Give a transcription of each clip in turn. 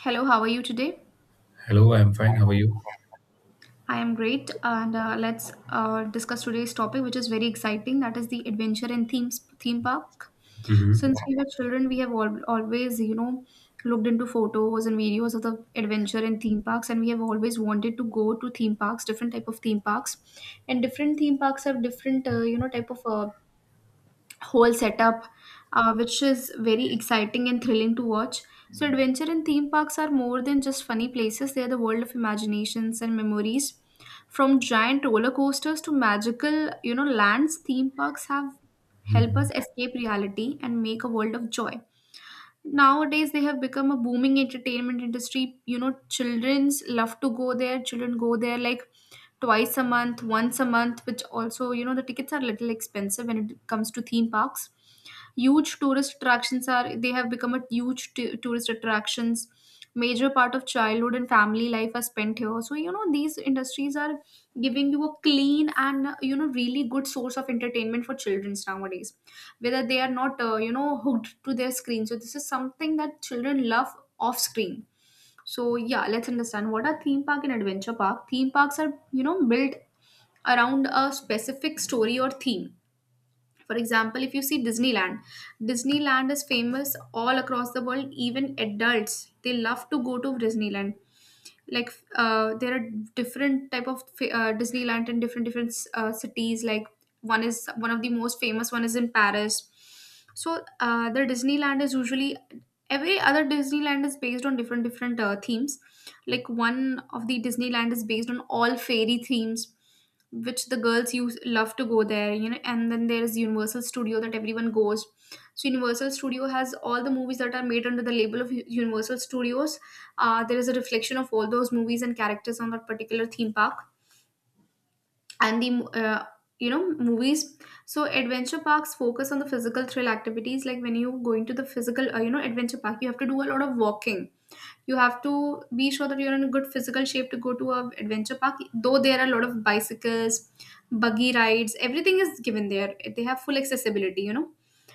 Hello, how are you today? Hello, I'm fine. How are you? I am great, and let's discuss today's topic, which is very exciting. That is the adventure in themes theme park. Since hmm we were children, we have always, you know, looked into photos and videos of the adventure in theme parks, and we have always wanted to go to theme parks, different type of theme parks, and different theme parks have different, you know, type of whole setup, which is very exciting and thrilling to watch. So, adventure and theme parks are more than just funny places, they are the world of imaginations and memories. From giant roller coasters to magical, you know, lands, theme parks have help us hmm escape reality and make a world of joy. Nowadays, they have become a booming entertainment industry. You know, childrens love to go there. Children go there like twice a month, once a month, which also, you know, the tickets are little expensive when it comes to theme parks. Huge tourist attractions are they have become a huge tourist attractions. Major part of childhood and family life are spent here. So you know these industries are giving you a clean and you know really good source of entertainment for children nowadays, whether they are not you know hooked to their screen, so this is something that children love off screen. So yeah, let's understand what are theme park and adventure park. Theme parks are, you know, built around a specific story or theme. For example, if you see Disneyland, Disneyland is famous all across the world, even adults, they love to go to Disneyland. Like there are different type of Disneyland in different different cities. Like one of the most famous one is in Paris. So the Disneyland is usually every other Disneyland is based on different different themes. Like one of the Disneyland is based on all fairy themes which the girls use love to go there, you know, and then there is universal studio that everyone goes. So universal studio has all the movies that are made under the label of universal studios. There is a reflection of all those movies and characters on that particular theme park and the you know movies. So adventure parks focus on the physical thrill activities, like when you going to the physical you know adventure park you have to do a lot of walking. You have to be sure that you're in a good physical shape to go to a adventure park, though there are a lot of bicycles, buggy rides, everything is given there. They have full accessibility, you know.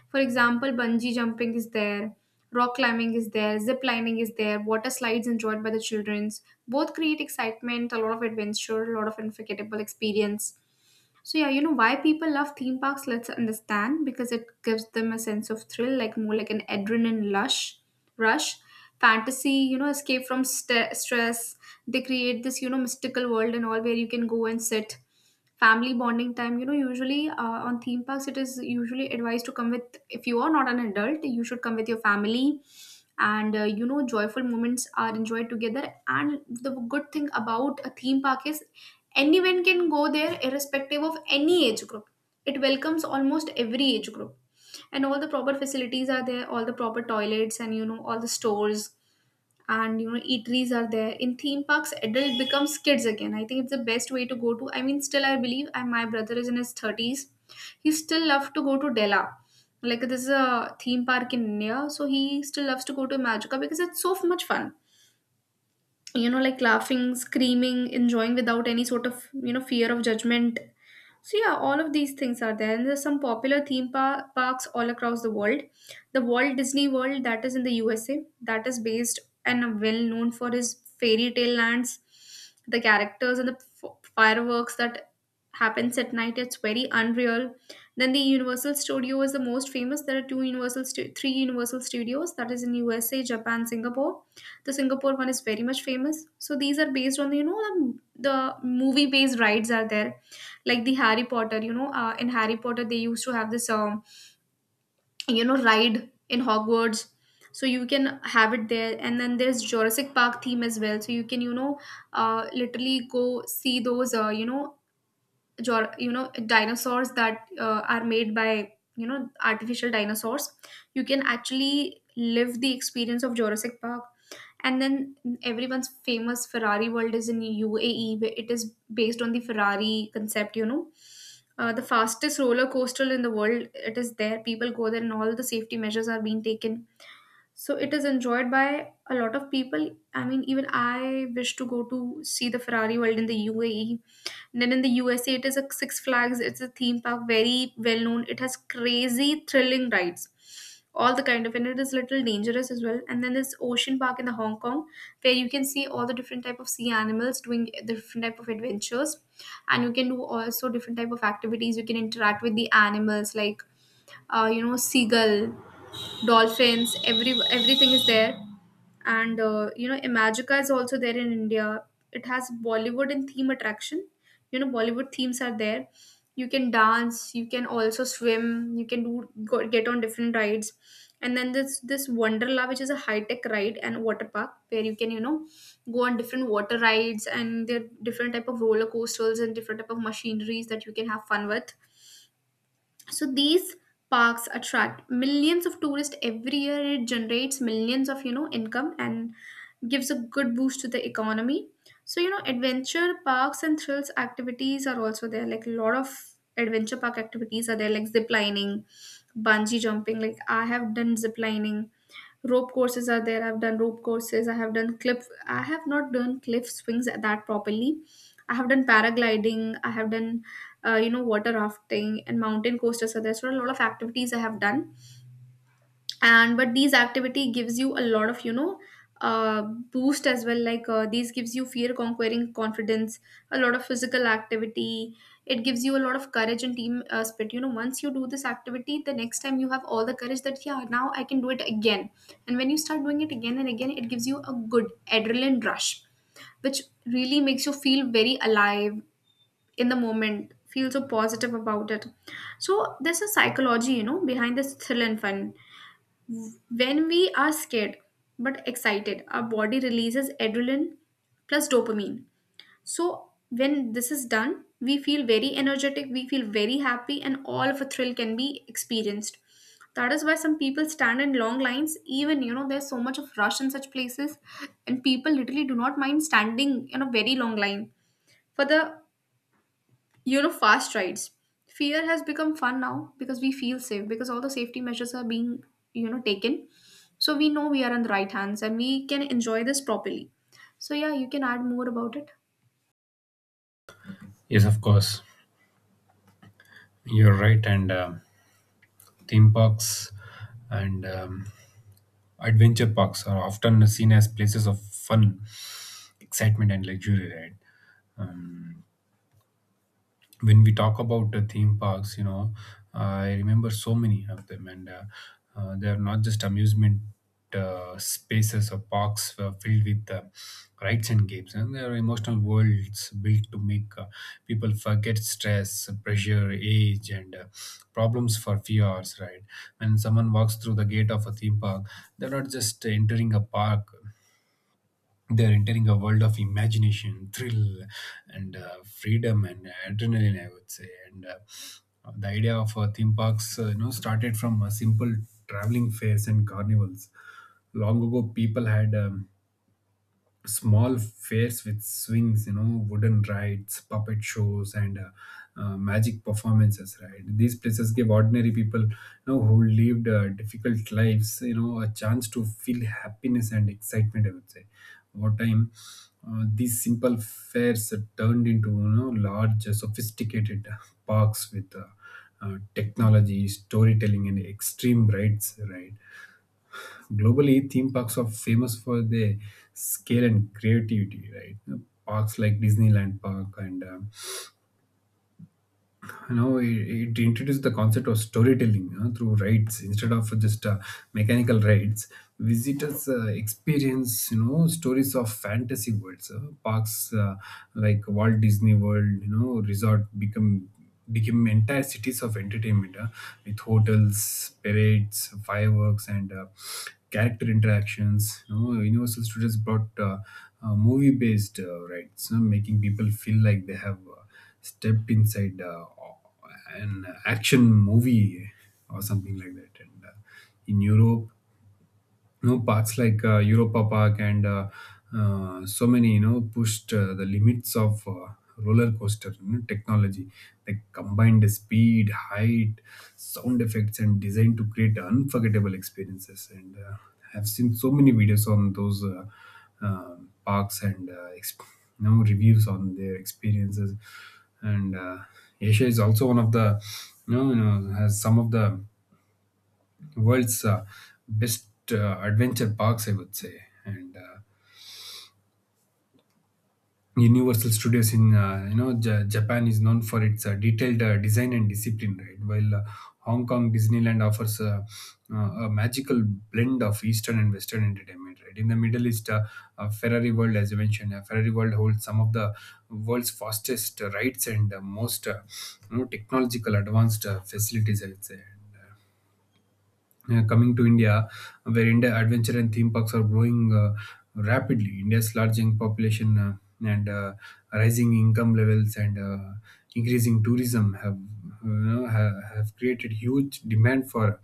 For example, bungee jumping is there, rock climbing is there, zip lining is there, water slides enjoyed by the childrens. Both create excitement, a lot of adventure, a lot of unforgettable experience. So yeah, you know why people love theme parks, let's understand, because it gives them a sense of thrill, like more like an adrenaline lush rush, fantasy, you know, escape from stress. They create this, you know, mystical world and all where you can go and sit. Family bonding time, you know, usually on theme parks, it is usually advised to come with, if you are not an adult, you should come with your family. And you know, joyful moments are enjoyed together. And the good thing about a theme park is anyone can go there, irrespective of any age group. It welcomes almost every age group. And all the proper facilities are there, all the proper toilets, and you know, all the stores and you know, eateries are there. In theme parks, adult becomes kids again. I think it's the best way to go to. I mean, still, I believe, and my brother is in his 30s. He still loves to go to Della. Like, this is a theme park in India, so he still loves to go to Magica because it's so much fun, you know, like laughing, screaming, enjoying without any sort of, you know, fear of judgment. So yeah, all of these things are there, and there's some popular parks all across the world. The Walt Disney World that is in the USA, that is based and well known for his fairy tale lands, the characters and the fireworks that happens at night. It's very unreal. Then the Universal Studio is the most famous. There are three Universal Studios that is in USA, Japan, Singapore. The Singapore one is very much famous. So these are based on the the movie based rides are there like the Harry Potter, you know. In Harry Potter they used to have this you know ride in Hogwarts, so you can have it there. And then there's Jurassic Park theme as well, so you can, you know, literally go see those you know you know dinosaurs that are made by, you know, artificial dinosaurs. You can actually live the experience of Jurassic Park. And then everyone's famous Ferrari world is in UAE, where it is based on the Ferrari concept, you know. The fastest roller coaster in the world, it is there. People go there, and all the safety measures are being taken. So it is enjoyed by a lot of people. I mean, even I wish to go to see the Ferrari world in the UAE. Then in the USA, it is a Six Flags. It's a theme park, very well known. It has crazy, thrilling rides, all the kind of, and it is little dangerous as well. And then there's Ocean Park in the Hong Kong, where you can see all the different type of sea animals doing the different type of adventures, and you can do also different type of activities. You can interact with the animals like you know seagull, dolphins, everything is there. And you know Imagica is also there in India. It has Bollywood and theme attraction, you know, Bollywood themes are there. You can dance, you can also swim, you can do go, get on different rides. And then this Wonderla, which is a high tech ride and water park, where you can, you know, go on different water rides and there are different type of roller coasters and different type of machineries that you can have fun with. So these parks attract millions of tourists every year. It generates millions of, you know, income and gives a good boost to the economy. So you know adventure parks and thrills activities are also there, like a lot of adventure park activities are there like zip lining, bungee jumping. Like I have done zip lining, rope courses are there, I've done rope courses, I have done cliff, I have not done cliff swings at that properly. I have done paragliding, I have done you know water rafting and mountain coasters are there, so a lot of activities I have done. And but these activity gives you a lot of, you know, boost as well, like these gives you fear conquering confidence, a lot of physical activity. It gives you a lot of courage and team spirit, you know, once you do this activity the next time you have all the courage that yeah, now I can do it again. And when you start doing it again and again it gives you a good adrenaline rush, which really makes you feel very alive in the moment, feel so positive about it. So there's a psychology, you know, behind this thrill and fun. When we are scared but excited, our body releases adrenaline plus dopamine. So, when this is done, we feel very energetic, we feel very happy, and all of a thrill can be experienced. That is why some people stand in long lines, even you know, there's so much of rush in such places, and people literally do not mind standing in a very long line for the, you know, fast rides. Fear has become fun now because we feel safe because all the safety measures are being, you know, taken. So we know we are on the right hands and we can enjoy this properly. So yeah, you can add more about it. Yes, of course. You're right. And theme parks and adventure parks are often seen as places of fun, excitement, and luxury, right? Um, when we talk about the theme parks, you know, I remember so many of them, and they are not just amusement spaces or parks filled with rides and games, and they are emotional worlds built to make people forget stress, pressure, age, and problems for few hours. Right? When someone walks through the gate of a theme park, they're not just entering a park; they're entering a world of imagination, thrill, and freedom and adrenaline, I would say. And The idea of theme parks, you know, started from a simple traveling fairs and carnivals. Long ago, people had small fairs with swings, you know, wooden rides, puppet shows, and magic performances. Right, these places give ordinary people, you know, who lived difficult lives, you know, a chance to feel happiness and excitement. I would say, over time, these simple fairs are turned into, you know, large, sophisticated parks with. Technology, storytelling, and extreme rides, right? Globally, theme parks are famous for their scale and creativity, right? Parks like Disneyland Park and it introduced the concept of storytelling through rides instead of just mechanical rides. Visitors experience, you know, stories of fantasy worlds. Parks like Walt Disney World, you know, resort become became entire cities of entertainment, with hotels, parades, fireworks, and character interactions. You know, Universal Studios brought movie based rides, you know, making people feel like they have step inside an action movie or something like that. And In Europe, you know, parks like Europa Park and so many, you know, pushed the limits of roller coaster, you know, technology. They combined the speed, height, sound effects, and design to create unforgettable experiences. And I've seen so many videos on those uh, parks and you know reviews on their experiences. And Asia is also one of the, you know, has some of the world's best adventure parks, I would say. And Universal Studios in, uh, you know, Japan is known for its detailed design and discipline, right? While Hong Kong Disneyland offers uh, a magical blend of Eastern and Western entertainment, right? In the Middle East, Ferrari World, as you mentioned, Ferrari World holds some of the world's fastest rides and most, you know, technological advanced facilities, I would say. Coming to India, where India adventure and theme parks are growing rapidly. India's larging population and rising income levels and increasing tourism have, you know, have created huge demand for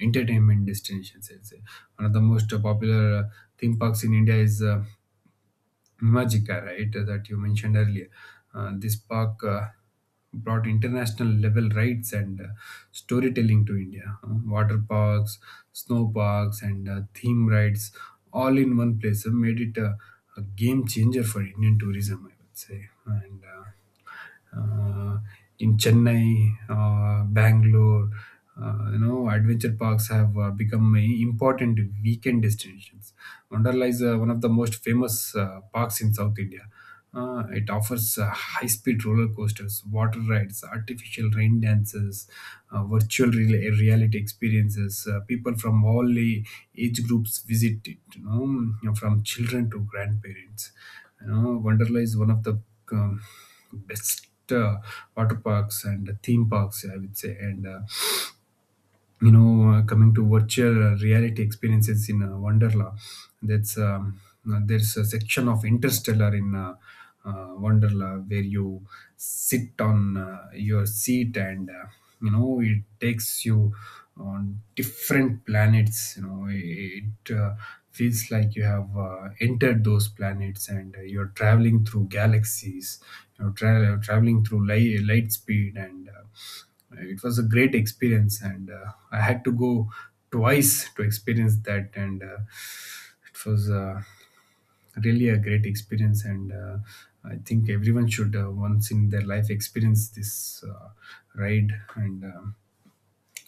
entertainment destinations. I'd say. One of the most popular theme parks in India is Magica, right, that you mentioned earlier. This park brought international level rides and storytelling to India. Water parks, snow parks, and theme rides all in one place made it a game changer for Indian tourism, I would say. And uh, in Chennai, Bangalore, you know, adventure parks have become a important weekend destinations. Wonderla is one of the most famous parks in South India. It offers high-speed roller coasters, water rides, artificial rain dances, virtual reality experiences. People from all age groups visit it, you know, from children to grandparents. You know, Wonderla is one of the um, best water parks and theme parks, I would say. And coming to virtual reality experiences in Wonderla, that's there's a section of interstellar in Wonderla, where you sit on your seat and you know it takes you on different planets. You know, it feels like you have entered those planets and you're traveling through galaxies, you're traveling through light speed, and it was a great experience, and I had to go twice to experience that, and it was really a great experience. And I think everyone should once in their life experience this ride. And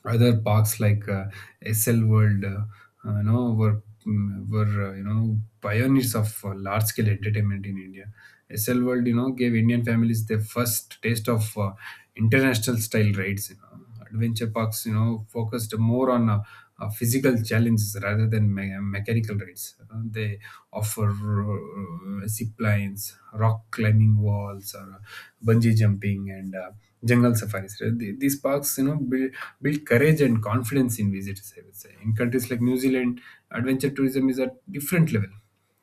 other parks like SL World, were, you know, pioneers of large scale entertainment in India. SL World, you know, gave Indian families their first taste of international style rides. You know, adventure parks, you know, focused more on physical challenges rather than mechanical rides. They offer zip lines, rock climbing walls, or bungee jumping, and jungle safaris. Right? These parks, you know, build courage and confidence in visitors. I would say in countries like New Zealand, adventure tourism is at different level.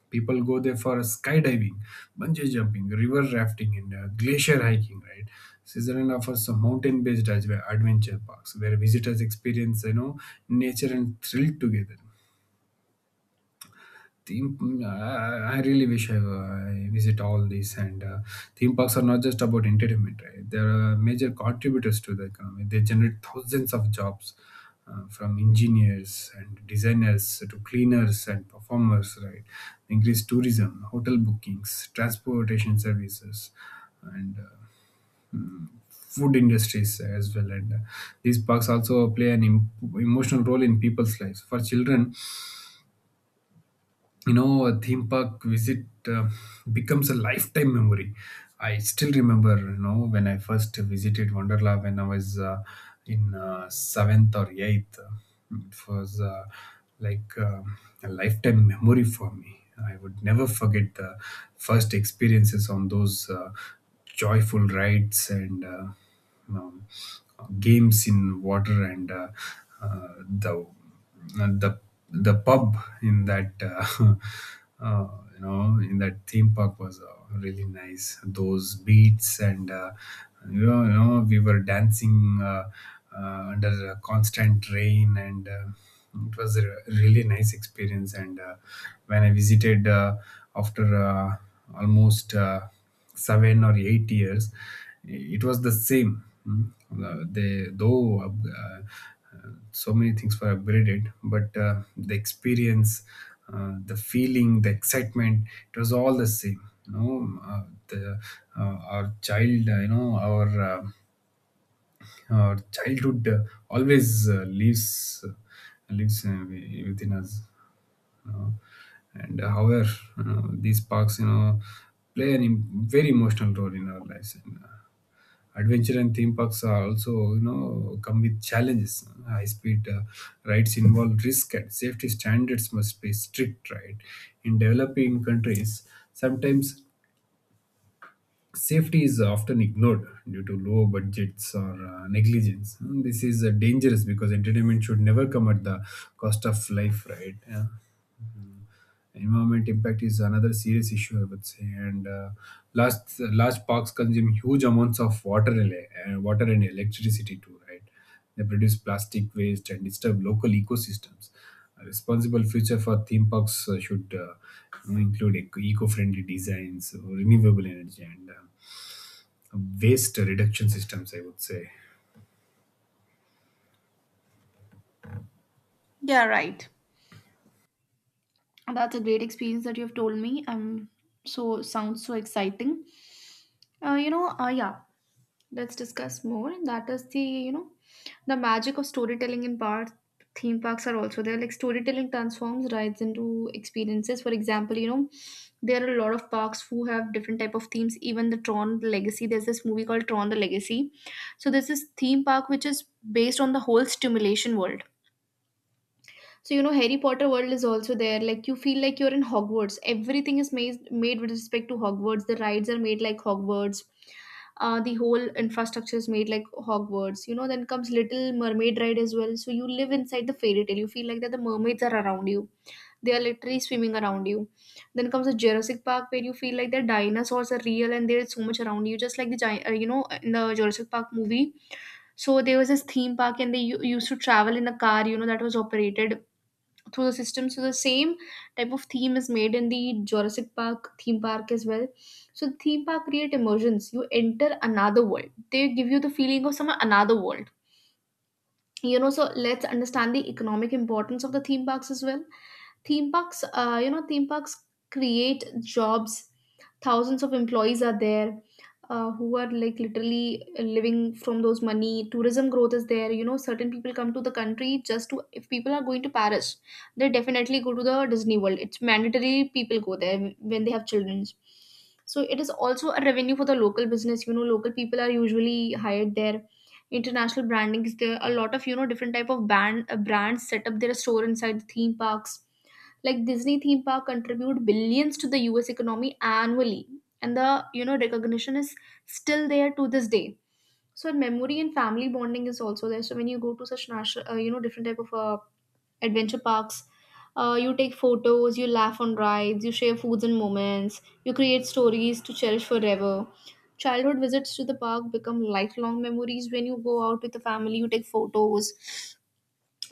People go there for skydiving, bungee jumping, river rafting, and glacier hiking. Right? Switzerland offers some mountain-based adventure parks where visitors experience, you know, nature and thrill together. Theme, mm, I really wish I visit all these. And Theme parks are not just about entertainment, right? They are major contributors to the economy. They generate thousands of jobs, from engineers and designers to cleaners and performers, right? Increase tourism, hotel bookings, transportation services, and food industries as well. And These parks also play an emotional role in people's lives. For children, you know a theme park visit becomes a lifetime memory. I still remember, you know, when I first visited Wonderla when I was, in 7th or 8th, it was like a lifetime memory for me. I would never forget the first experiences on those joyful rides and um, games in water and uh, uh, the uh, the the pub in that uh, you know in that theme park was really nice. Those beats and, you know, we were dancing under a constant rain and. It was a really nice experience, and when I visited after almost 7 or 8 years, it was the same. Mm. They though uh, so many things were upgraded, but the experience, the feeling, the excitement, it was all the same. You know, the uh, our child, you know, our childhood always lives within us, you know. And however, these parks, you know, play an im- very emotional role in our lives, and adventure and theme parks are also, you know, come with challenges. High speed rides involve risk and safety standards must be strict, right? In developing countries, sometimes safety is often ignored due to low budgets or negligence. And this is dangerous because entertainment should never come at the cost of life, right? Yeah. Environment impact is another serious issue, I would say. Large parks consume huge amounts of water and water and electricity too, right? They produce plastic waste and disturb local ecosystems. A responsible future for theme parks should, you know, include eco-friendly designs, renewable energy, and waste reduction systems, I would say. Yeah, right. That's a great experience that you've told me. So sounds so exciting. Yeah. Let's discuss more. That is the, you know, the magic of storytelling in parks. Theme parks are also there. Like storytelling transforms rides into experiences. For example, you know, there are a lot of parks who have different type of themes. Even the Tron Legacy. There's this movie called Tron the Legacy. So there's this theme park which is based on the whole stimulation world. So you know, Harry Potter world is also there. Like you feel like you're in Hogwarts. Everything is made with respect to Hogwarts. The rides are made like Hogwarts. The whole infrastructure is made like Hogwarts. You know, then comes Little Mermaid ride as well. So you live inside the fairy tale. You feel like that the mermaids are around you. They are literally swimming around you. Then comes the Jurassic Park where you feel like the dinosaurs are real and there is so much around you, just like the giant, you know, in the Jurassic Park movie. So there was this theme park, and they used to travel in a car. You know, that was operated through the system. So the same type of theme is made in the Jurassic Park theme park as well. So the theme park create immersions. You enter another world. They give you the feeling of some another world. You know, so let's understand the economic importance of the theme parks as well. Theme parks, you know, theme parks create jobs. Thousands of employees are there, who are like literally living from those money. Tourism growth is there. You know, certain people come to the country just to, if people are going to Paris, they definitely go to the Disney world. It's mandatory, people go there when they have children. So it is also a revenue for the local business. You know, local people are usually hired there. International branding is there, a lot of, you know, different type of band brands set up their store inside the theme parks. Like Disney theme park contribute billions to the US economy annually. And the, you know, recognition is still there to this day. So memory and family bonding is also there. So when you go to such national, you know, different type of adventure parks, you take photos, you laugh on rides, you share foods and moments, you create stories to cherish forever. Childhood visits to the park become lifelong memories. When you go out with the family, you take photos,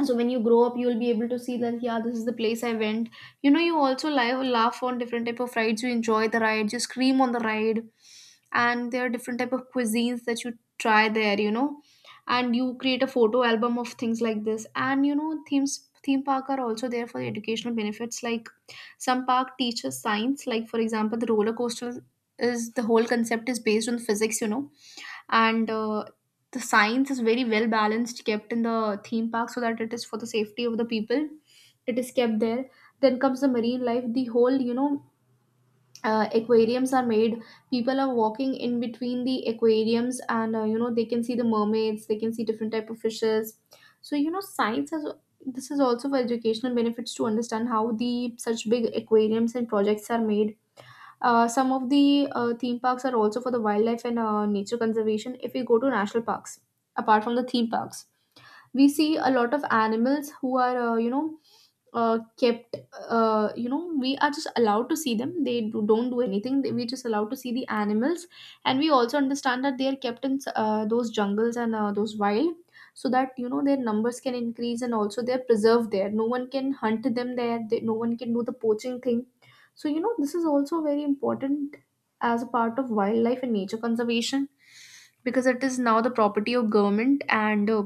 so when you grow up, you will be able to see that, yeah, this is the place I went. You know, you also laugh on different type of rides, you enjoy the ride, you scream on the ride. And there are different type of cuisines that you try there, you know. And you create a photo album of things like this. And you know, theme park are also there for educational benefits. Like some park teaches science, like for example the roller coaster is, the whole concept is based on physics, you know. And the science is very well balanced, kept in the theme park, so that it is for the safety of the people, it is kept there. Then comes the marine life. The whole, you know, aquariums are made. People are walking in between the aquariums and, you know, they can see the mermaids, they can see different type of fishes. So you know, science has, this is also for educational benefits, to understand how the such big aquariums and projects are made. Some of the theme parks are also for the wildlife and nature conservation. If we go to national parks, apart from the theme parks, we see a lot of animals who are, you know, kept, you know, we are just allowed to see them, they don't do anything. We just allowed to see the animals. And we also understand that they are kept in, those jungles and, those wild, so that you know their numbers can increase and also they're preserved there, no one can hunt them there, no one can do the poaching thing. So you know, this is also very important as a part of wildlife and nature conservation, because it is now the property of government. and uh,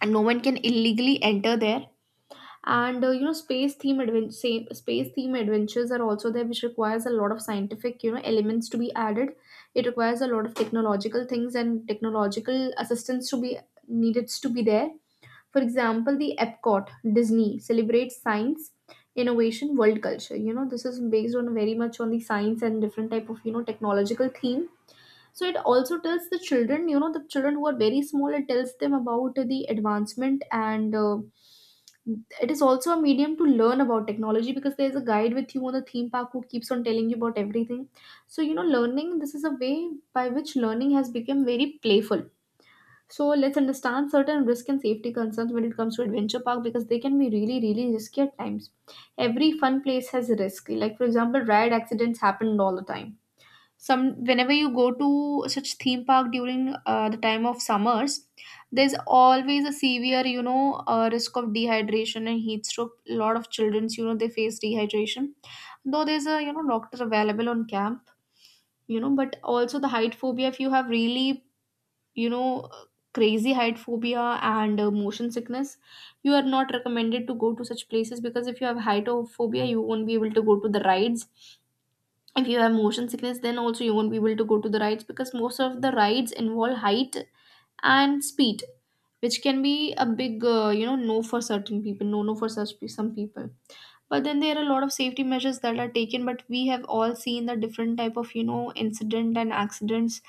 and no one can illegally enter there. And you know, space theme adventures are also there, which requires a lot of scientific, you know, elements to be added. It requires a lot of technological things and technological assistance to be needed to be there. For example, the Epcot, Disney celebrates science, innovation, world culture. You know, this is based on very much on the science and different type of, you know, technological theme. So it also tells the children, you know, the children who are very small, it tells them about the advancement. And it is also a medium to learn about technology, because there's a guide with you on the theme park who keeps on telling you about everything. So you know, learning this is a way by which learning has become very playful. So let's understand certain risk and safety concerns when it comes to adventure park, because they can be really really risky at times. Every fun place has a risk. Like for example, ride accidents happen all the time. Some Whenever you go to such theme park during the time of summers, there's always a severe, you know, risk of dehydration and heat stroke. A lot of children's, you know, they face dehydration, though there's a, you know, doctor available on camp. You know, but also the height phobia, if you have really, you know, crazy height phobia and motion sickness, you are not recommended to go to such places. Because if you have height phobia, you won't be able to go to the rides. If you have motion sickness, then also you won't be able to go to the rides, because most of the rides involve height and speed, which can be a big, you know, no for certain people. No no for some people. But then there are a lot of safety measures that are taken, but we have all seen the different type of, you know, incident and accidents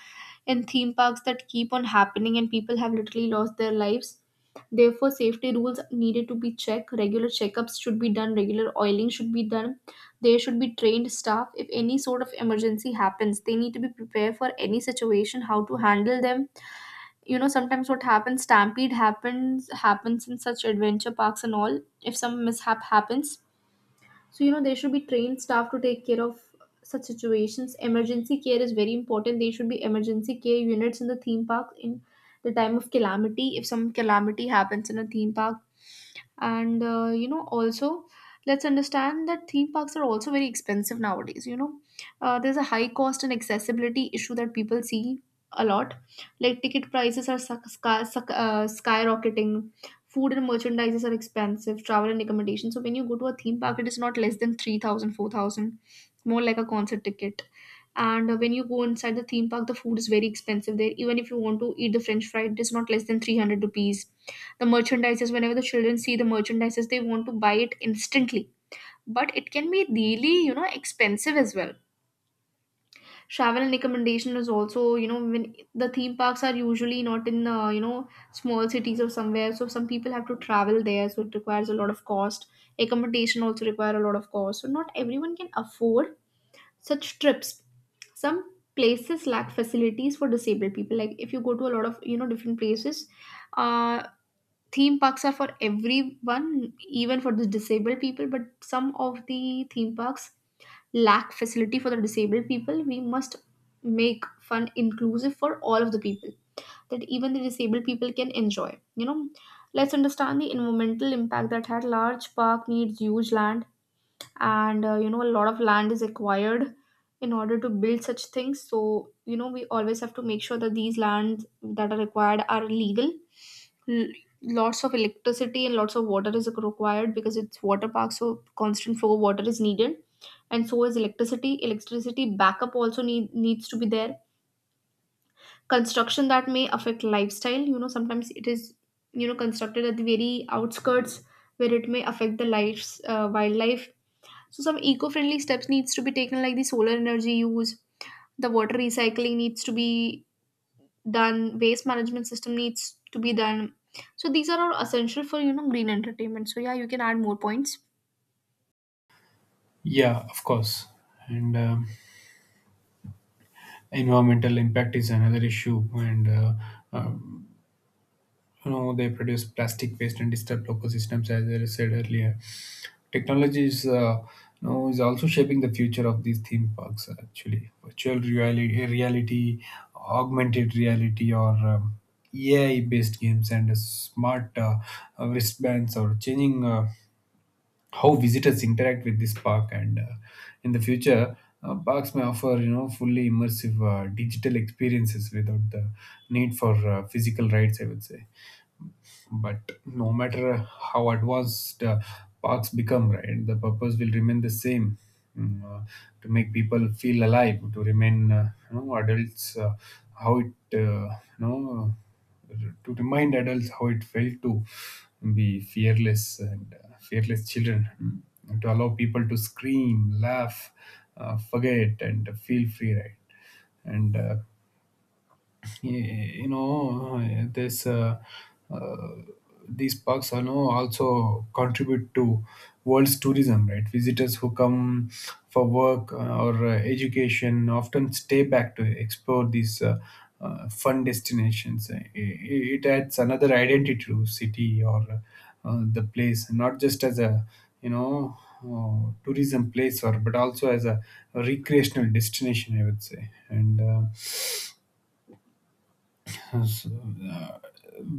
in theme parks that keep on happening, and people have literally lost their lives. Therefore safety rules needed to be checked, regular checkups should be done, regular oiling should be done. There should be trained staff, if any sort of emergency happens, they need to be prepared for any situation, how to handle them. You know, sometimes what happens, stampede happens in such adventure parks and all, if some mishap happens. So, you know, there should be trained staff to take care of such situations. Emergency care is very important. There should be emergency care units in the theme park in the time of calamity, if some calamity happens in a theme park. And you know, also, let's understand that theme parks are also very expensive nowadays, you know. There's a high cost and accessibility issue that people see a lot. Like ticket prices are skyrocketing, food and merchandises are expensive, travel and accommodation. So when you go to a theme park, it is not less than 3,000, 4,000, more like a concert ticket. And when you go inside the theme park, the food is very expensive there, even if you want to eat the french fry, it is not less than 300 rupees. The merchandises, whenever the children see the merchandises, they want to buy it instantly, but it can be really, you know, expensive as well. Travel and accommodation is also, you know, when the theme parks are usually not in, you know, small cities or somewhere, so some people have to travel there, so it requires a lot of cost. Accommodation also require a lot of cost, so not everyone can afford such trips. Some places lack facilities for disabled people. Like if you go to a lot of, you know, different places, uh, theme parks are for everyone, even for the disabled people, but some of the theme parks lack facility for the disabled people. We must make fun inclusive for all of the people, that even the disabled people can enjoy. Let's understand the environmental impact that had large park needs huge land and you know, a lot of land is acquired in order to build such things, so you know we always have to make sure that these lands that are required are legal. l- Lots of electricity and lots of water is required because it's water park, so constant flow of water is needed, and so is electricity. Electricity backup also needs to be there. Construction that may affect lifestyle, you know, sometimes it is, you know, constructed at the very outskirts where it may affect the lives, wildlife. So some eco-friendly steps needs to be taken, like the solar energy use, the water recycling needs to be done, waste management system needs to be done. So these are all essential for, you know, green entertainment. So yeah, you can add more points. Yeah, of course. And environmental impact is another issue. And um, you know, they produce plastic waste and disturb local systems, as I said earlier. Technology is, you know, is also shaping the future of these theme parks. Actually, virtual reality, augmented reality, or AI-based games and smart wristbands, or changing. How visitors interact with this park, and in the future parks may offer, fully immersive digital experiences without the need for physical rides, I would say. But no matter how advanced parks become, right, the purpose will remain the same. mm, uh, to make people feel alive, to remain you know adults how it you know to remind adults how it felt to be fearless and fearless children. And to allow people to scream, laugh, forget, and feel free, right? and Yeah, you know this uh, these parks are, know, also contribute to world's tourism, right? Visitors who come for work or education often stay back to explore these fun destinations. It adds another identity to city or the place, not just as a you know tourism place or but also as a recreational destination, I would say. and um, so, uh,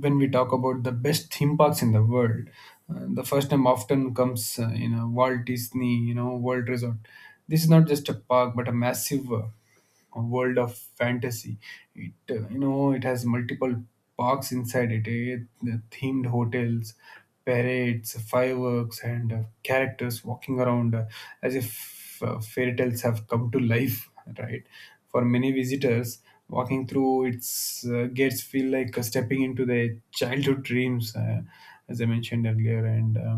when we talk about the best theme parks in the world, the first name often comes in a Walt Disney, World Resort. This is not just a park, but a massive world of fantasy. It has multiple parks inside it, eh? The themed hotels, parades, fireworks, and characters walking around as if fairy tales have come to life, right? For many visitors, walking through its gates feel like stepping into their childhood dreams, as I mentioned earlier. And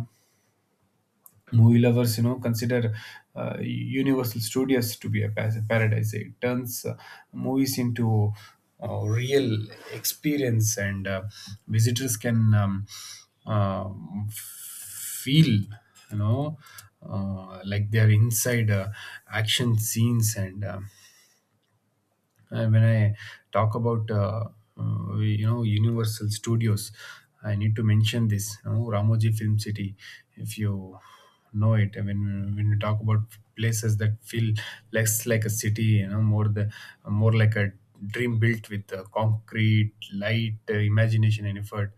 Movie lovers, consider Universal Studios to be a paradise. It turns movies into real experience, and visitors can uh, feel, you know, like they are inside action scenes. And. um uh, when I talk about Universal Studios, I need to mention this. You know, Ramoji Film City, if you know it. I mean, when you talk about places that feel less like a city, you know, more like a dream built with concrete, light, imagination, and effort.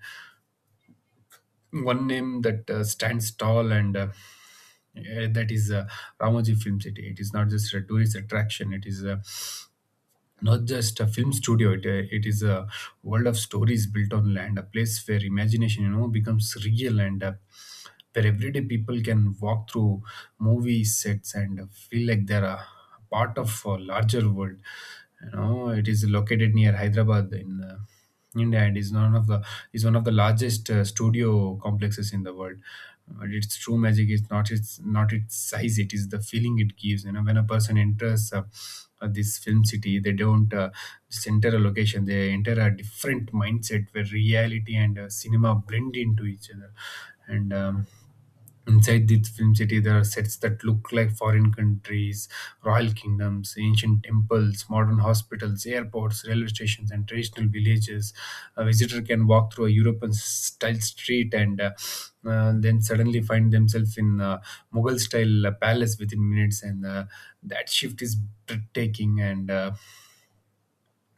One name that stands tall and that is Ramoji Film City. It is not just a tourist attraction; it is a not just a film studio. It is a world of stories built on land, a place where imagination, you know, becomes real, and where everyday people can walk through movie sets and feel like they're a part of a larger world. You know, it is located near Hyderabad in India and is one of the is one of the largest studio complexes in the world. But its true magic is not its size; it is the feeling it gives. You know, when a person enters this film city, they don't just enter a location; they enter a different mindset where reality and cinema blend into each other. And. Um, Inside this film city, there are sets that look like foreign countries, royal kingdoms, ancient temples, modern hospitals, airports, railway stations, and traditional villages. A visitor can walk through a European style street and then suddenly find themselves in a Mughal style palace within minutes, and that shift is breathtaking. and uh,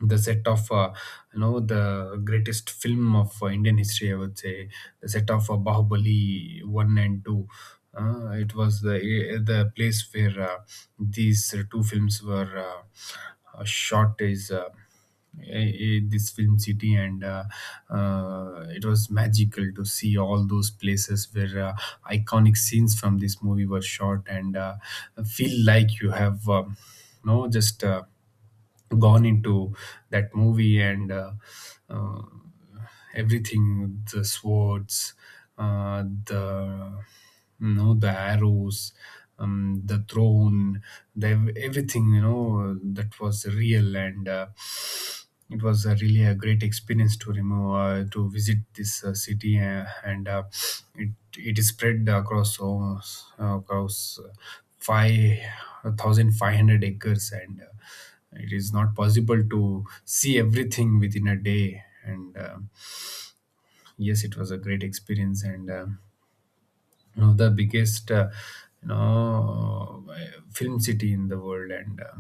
the set of, the greatest film of Indian history, I would say, the set of Bahubali one and two. It was the place where these two films were shot is this film city, and it was magical to see all those places where iconic scenes from this movie were shot, and feel like you have you know just gone into that movie. And uh, uh, everything the swords, the you know the arrows, the throne, everything, you know, that was real. And uh, it was really a great experience to remove to visit this city. Uh, and uh, it is spread across almost, across 5,500 acres, and it is not possible to see everything within a day. And uh, yes, it was a great experience, and one of the biggest, you know film city in the world. and uh,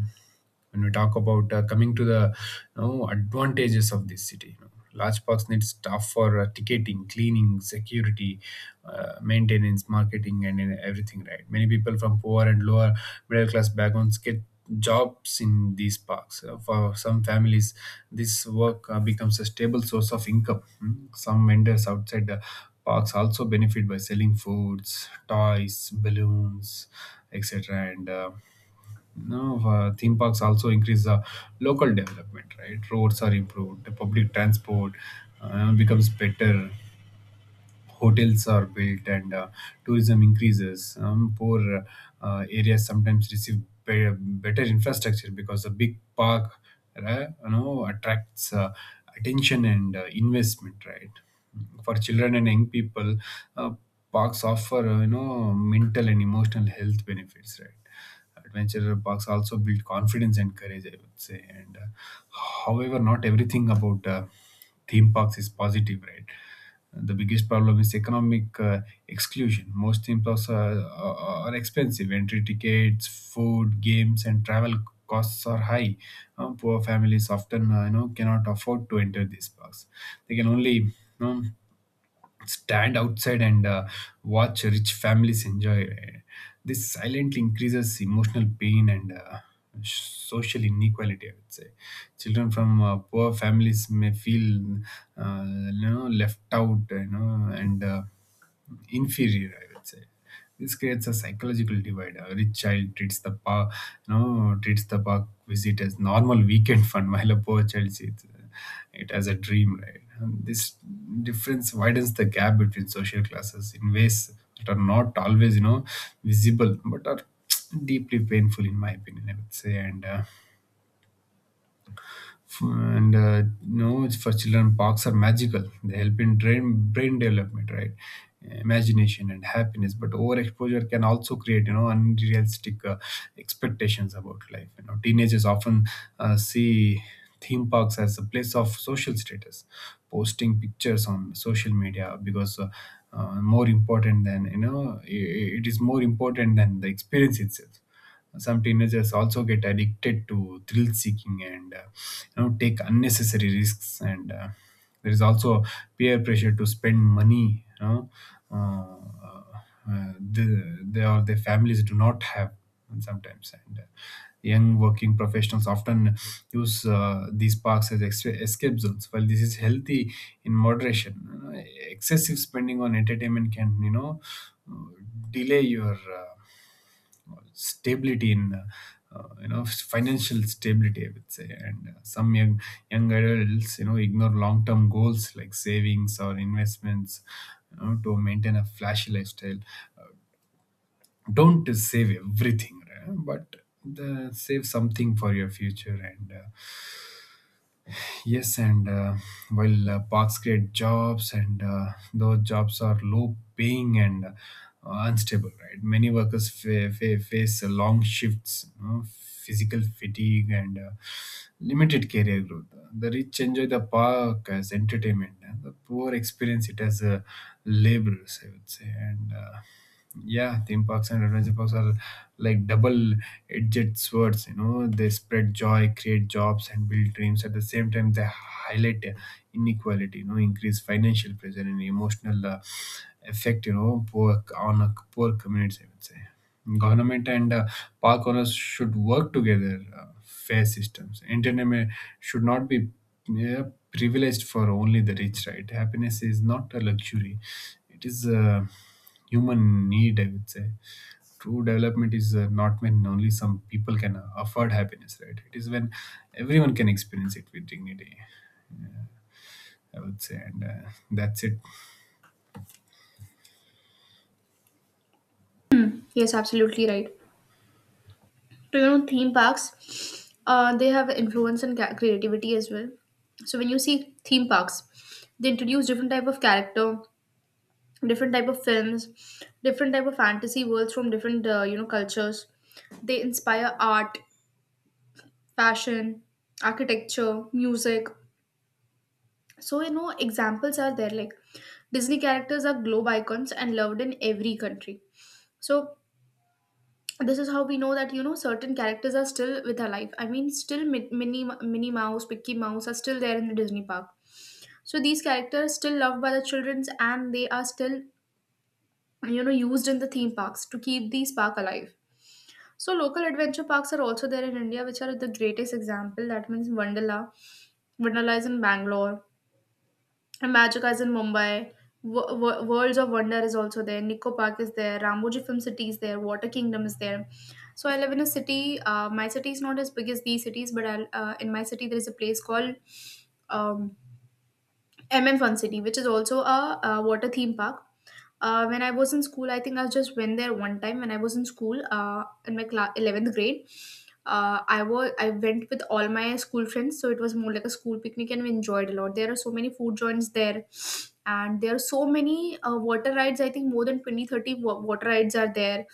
when we talk about, coming to the, you know, advantages of this city, you know, large parks need staff for ticketing, cleaning, security, maintenance, marketing, and in everything, right? Many people from poor and lower middle class backgrounds get jobs in these parks. For some families, this work becomes a stable source of income. Hmm. Some vendors outside the parks also benefit by selling foods, toys, balloons, etc., and no, theme parks also increase the local development, right? Roads are improved, the public transport becomes better, hotels are built, and tourism increases. Poor areas sometimes receive better infrastructure because the big park, right, you know, attracts attention and investment, right? For children and young people, uh, parks offer, mental and emotional health benefits, right? Adventure parks also build confidence and courage, I would say. And uh, however, not everything about theme parks is positive, right? The biggest problem is economic exclusion. Most theme parks are, are expensive: entry tickets, food, games, and travel costs are high. Poor families often, cannot afford to enter these parks. They can only, know, stand outside and watch rich families enjoy. This silently increases emotional pain and social inequality, I would say. Children from poor families may feel uh, left out, you know, and inferior, I would say. This creates a psychological divide. A rich child treats the park, no, treats the park visit as normal weekend fun, while a poor child sees it as a dream. Right? And this difference widens the gap between social classes in ways that are not always, you know, visible, but are deeply painful, in my opinion, I would say. And. Uh, and uh, no it's for children, parks are magical; they help in brain development, right? Imagination and happiness. But overexposure can also create, you know, unrealistic expectations about life. You know, teenagers often see theme parks as a place of social status, posting pictures on social media because more important than you know I- it is more important than the experience itself. Some teenagers also get addicted to thrill seeking, and take unnecessary risks, and there is also peer pressure to spend money, you know, uh, the, they or their families do not have sometimes. And uh, young working professionals often use these parks as escape zones. While this is healthy in moderation, you excessive spending on entertainment can, you know, delay your stability in financial stability, I would say. And uh, some young adults, you know, ignore long term goals like savings or investments, you know, to maintain a flashy lifestyle. Don't save everything, right? But save something for your future. And uh, Yes, and uh, while parks create jobs, and those jobs are low paying and unstable, right? Many workers face long shifts, you know, physical fatigue, and limited career growth. The rich enjoy the park as entertainment, and the poor experience it as laborers, I would say. And yeah Theme parks and adventure parks are like double edged swords, you know. They spread joy, create jobs, and build dreams. At the same time, they highlight inequality, you know, increase financial pressure and emotional effect, you know, poor on a poor communities, I would say. Government and park owners should work together, fair systems. Entertainment should not be, yeah, privileged for only the rich, right? Happiness is not a luxury, it is human need, I would say. True development is not when only some people can afford happiness, right? It is when everyone can experience it with dignity, I would say. And That's it. Yes, absolutely right. So you know, theme parks, they have influence and creativity as well. So when you see theme parks, they introduce different type of character, different type of films, different type of fantasy worlds from different, you know, cultures. They inspire art, fashion, architecture, music. So, you know, examples are there, like Disney characters are globe icons and loved in every country. So, this is how we know that, you know, certain characters are still with our life. I mean, still Minnie, Minnie Mouse, Mickey Mouse are still there in the Disney park. So, these characters are still loved by the childrens, and they are still, you know, used in the theme parks to keep these park alive. So, local adventure parks are also there in India, which are the greatest example. That means Wonderla. Wonderla is in Bangalore. And Magica is in Mumbai. Worlds of Wonder is also there. Nico Park is there. Ramoji Film City is there. Water Kingdom is there. So I live in a city. My city is not as big as these cities, but I'll, in my city there is a place called um, MM Fun City, which is also a, uh, water theme park. When I was in school, I think I just went there one time. When I was in school, in my class, 11th grade, I went with all my school friends, so it was more like a school picnic, and we enjoyed a lot. There are so many food joints there, and there are so many water rides. I think more than 20 30 water rides are there.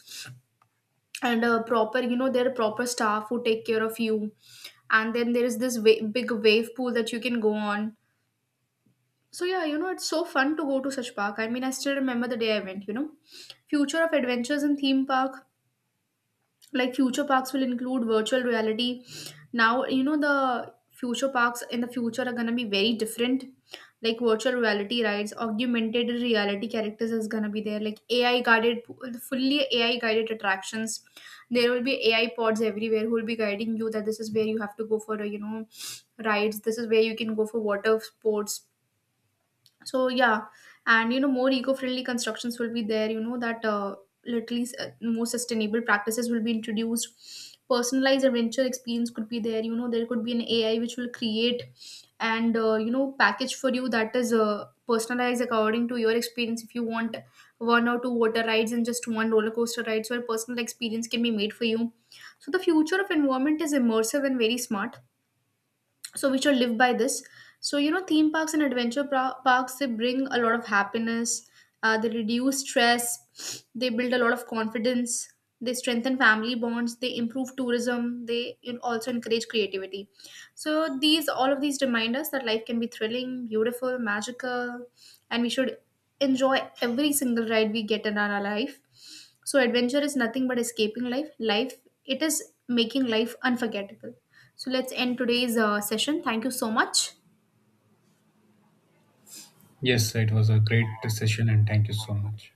And proper, you know, there are proper staff who take care of you. And then there is this big wave pool that you can go on. So yeah, you know, it's so fun to go to such park. I mean, I still remember the day I went, you know. Future of adventures in theme park, like future parks will include virtual reality. Now you know, the future parks in the future are going to be very different. Like virtual reality rides, augmented reality characters is going to be there, like AI guided, fully AI guided attractions. There will be AI pods everywhere who will be guiding you that this is where you have to go for a, you know, rides, this is where you can go for water sports. So yeah. And you know, more eco-friendly constructions will be there, you know that, literally more sustainable practices will be introduced. Personalized adventure experience could be there, you know, there could be an AI which will create and you know, package for you that is, personalized according to your experience. If you want one or two water rides and just one roller coaster ride, so a personal experience can be made for you. So the future of environment is immersive and very smart, so we should live by this. So you know, theme parks and adventure parks, they bring a lot of happiness. They reduce stress, they build a lot of confidence, they strengthen family bonds, they improve tourism, they, you know, also encourage creativity. So these, all of these remind us that life can be thrilling, beautiful, magical, and we should enjoy every single ride we get in our life. So adventure is nothing but escaping life. Life, it is making life unforgettable. So let's end today's session. Thank you so much. Yes, it was a great session, and thank you so much.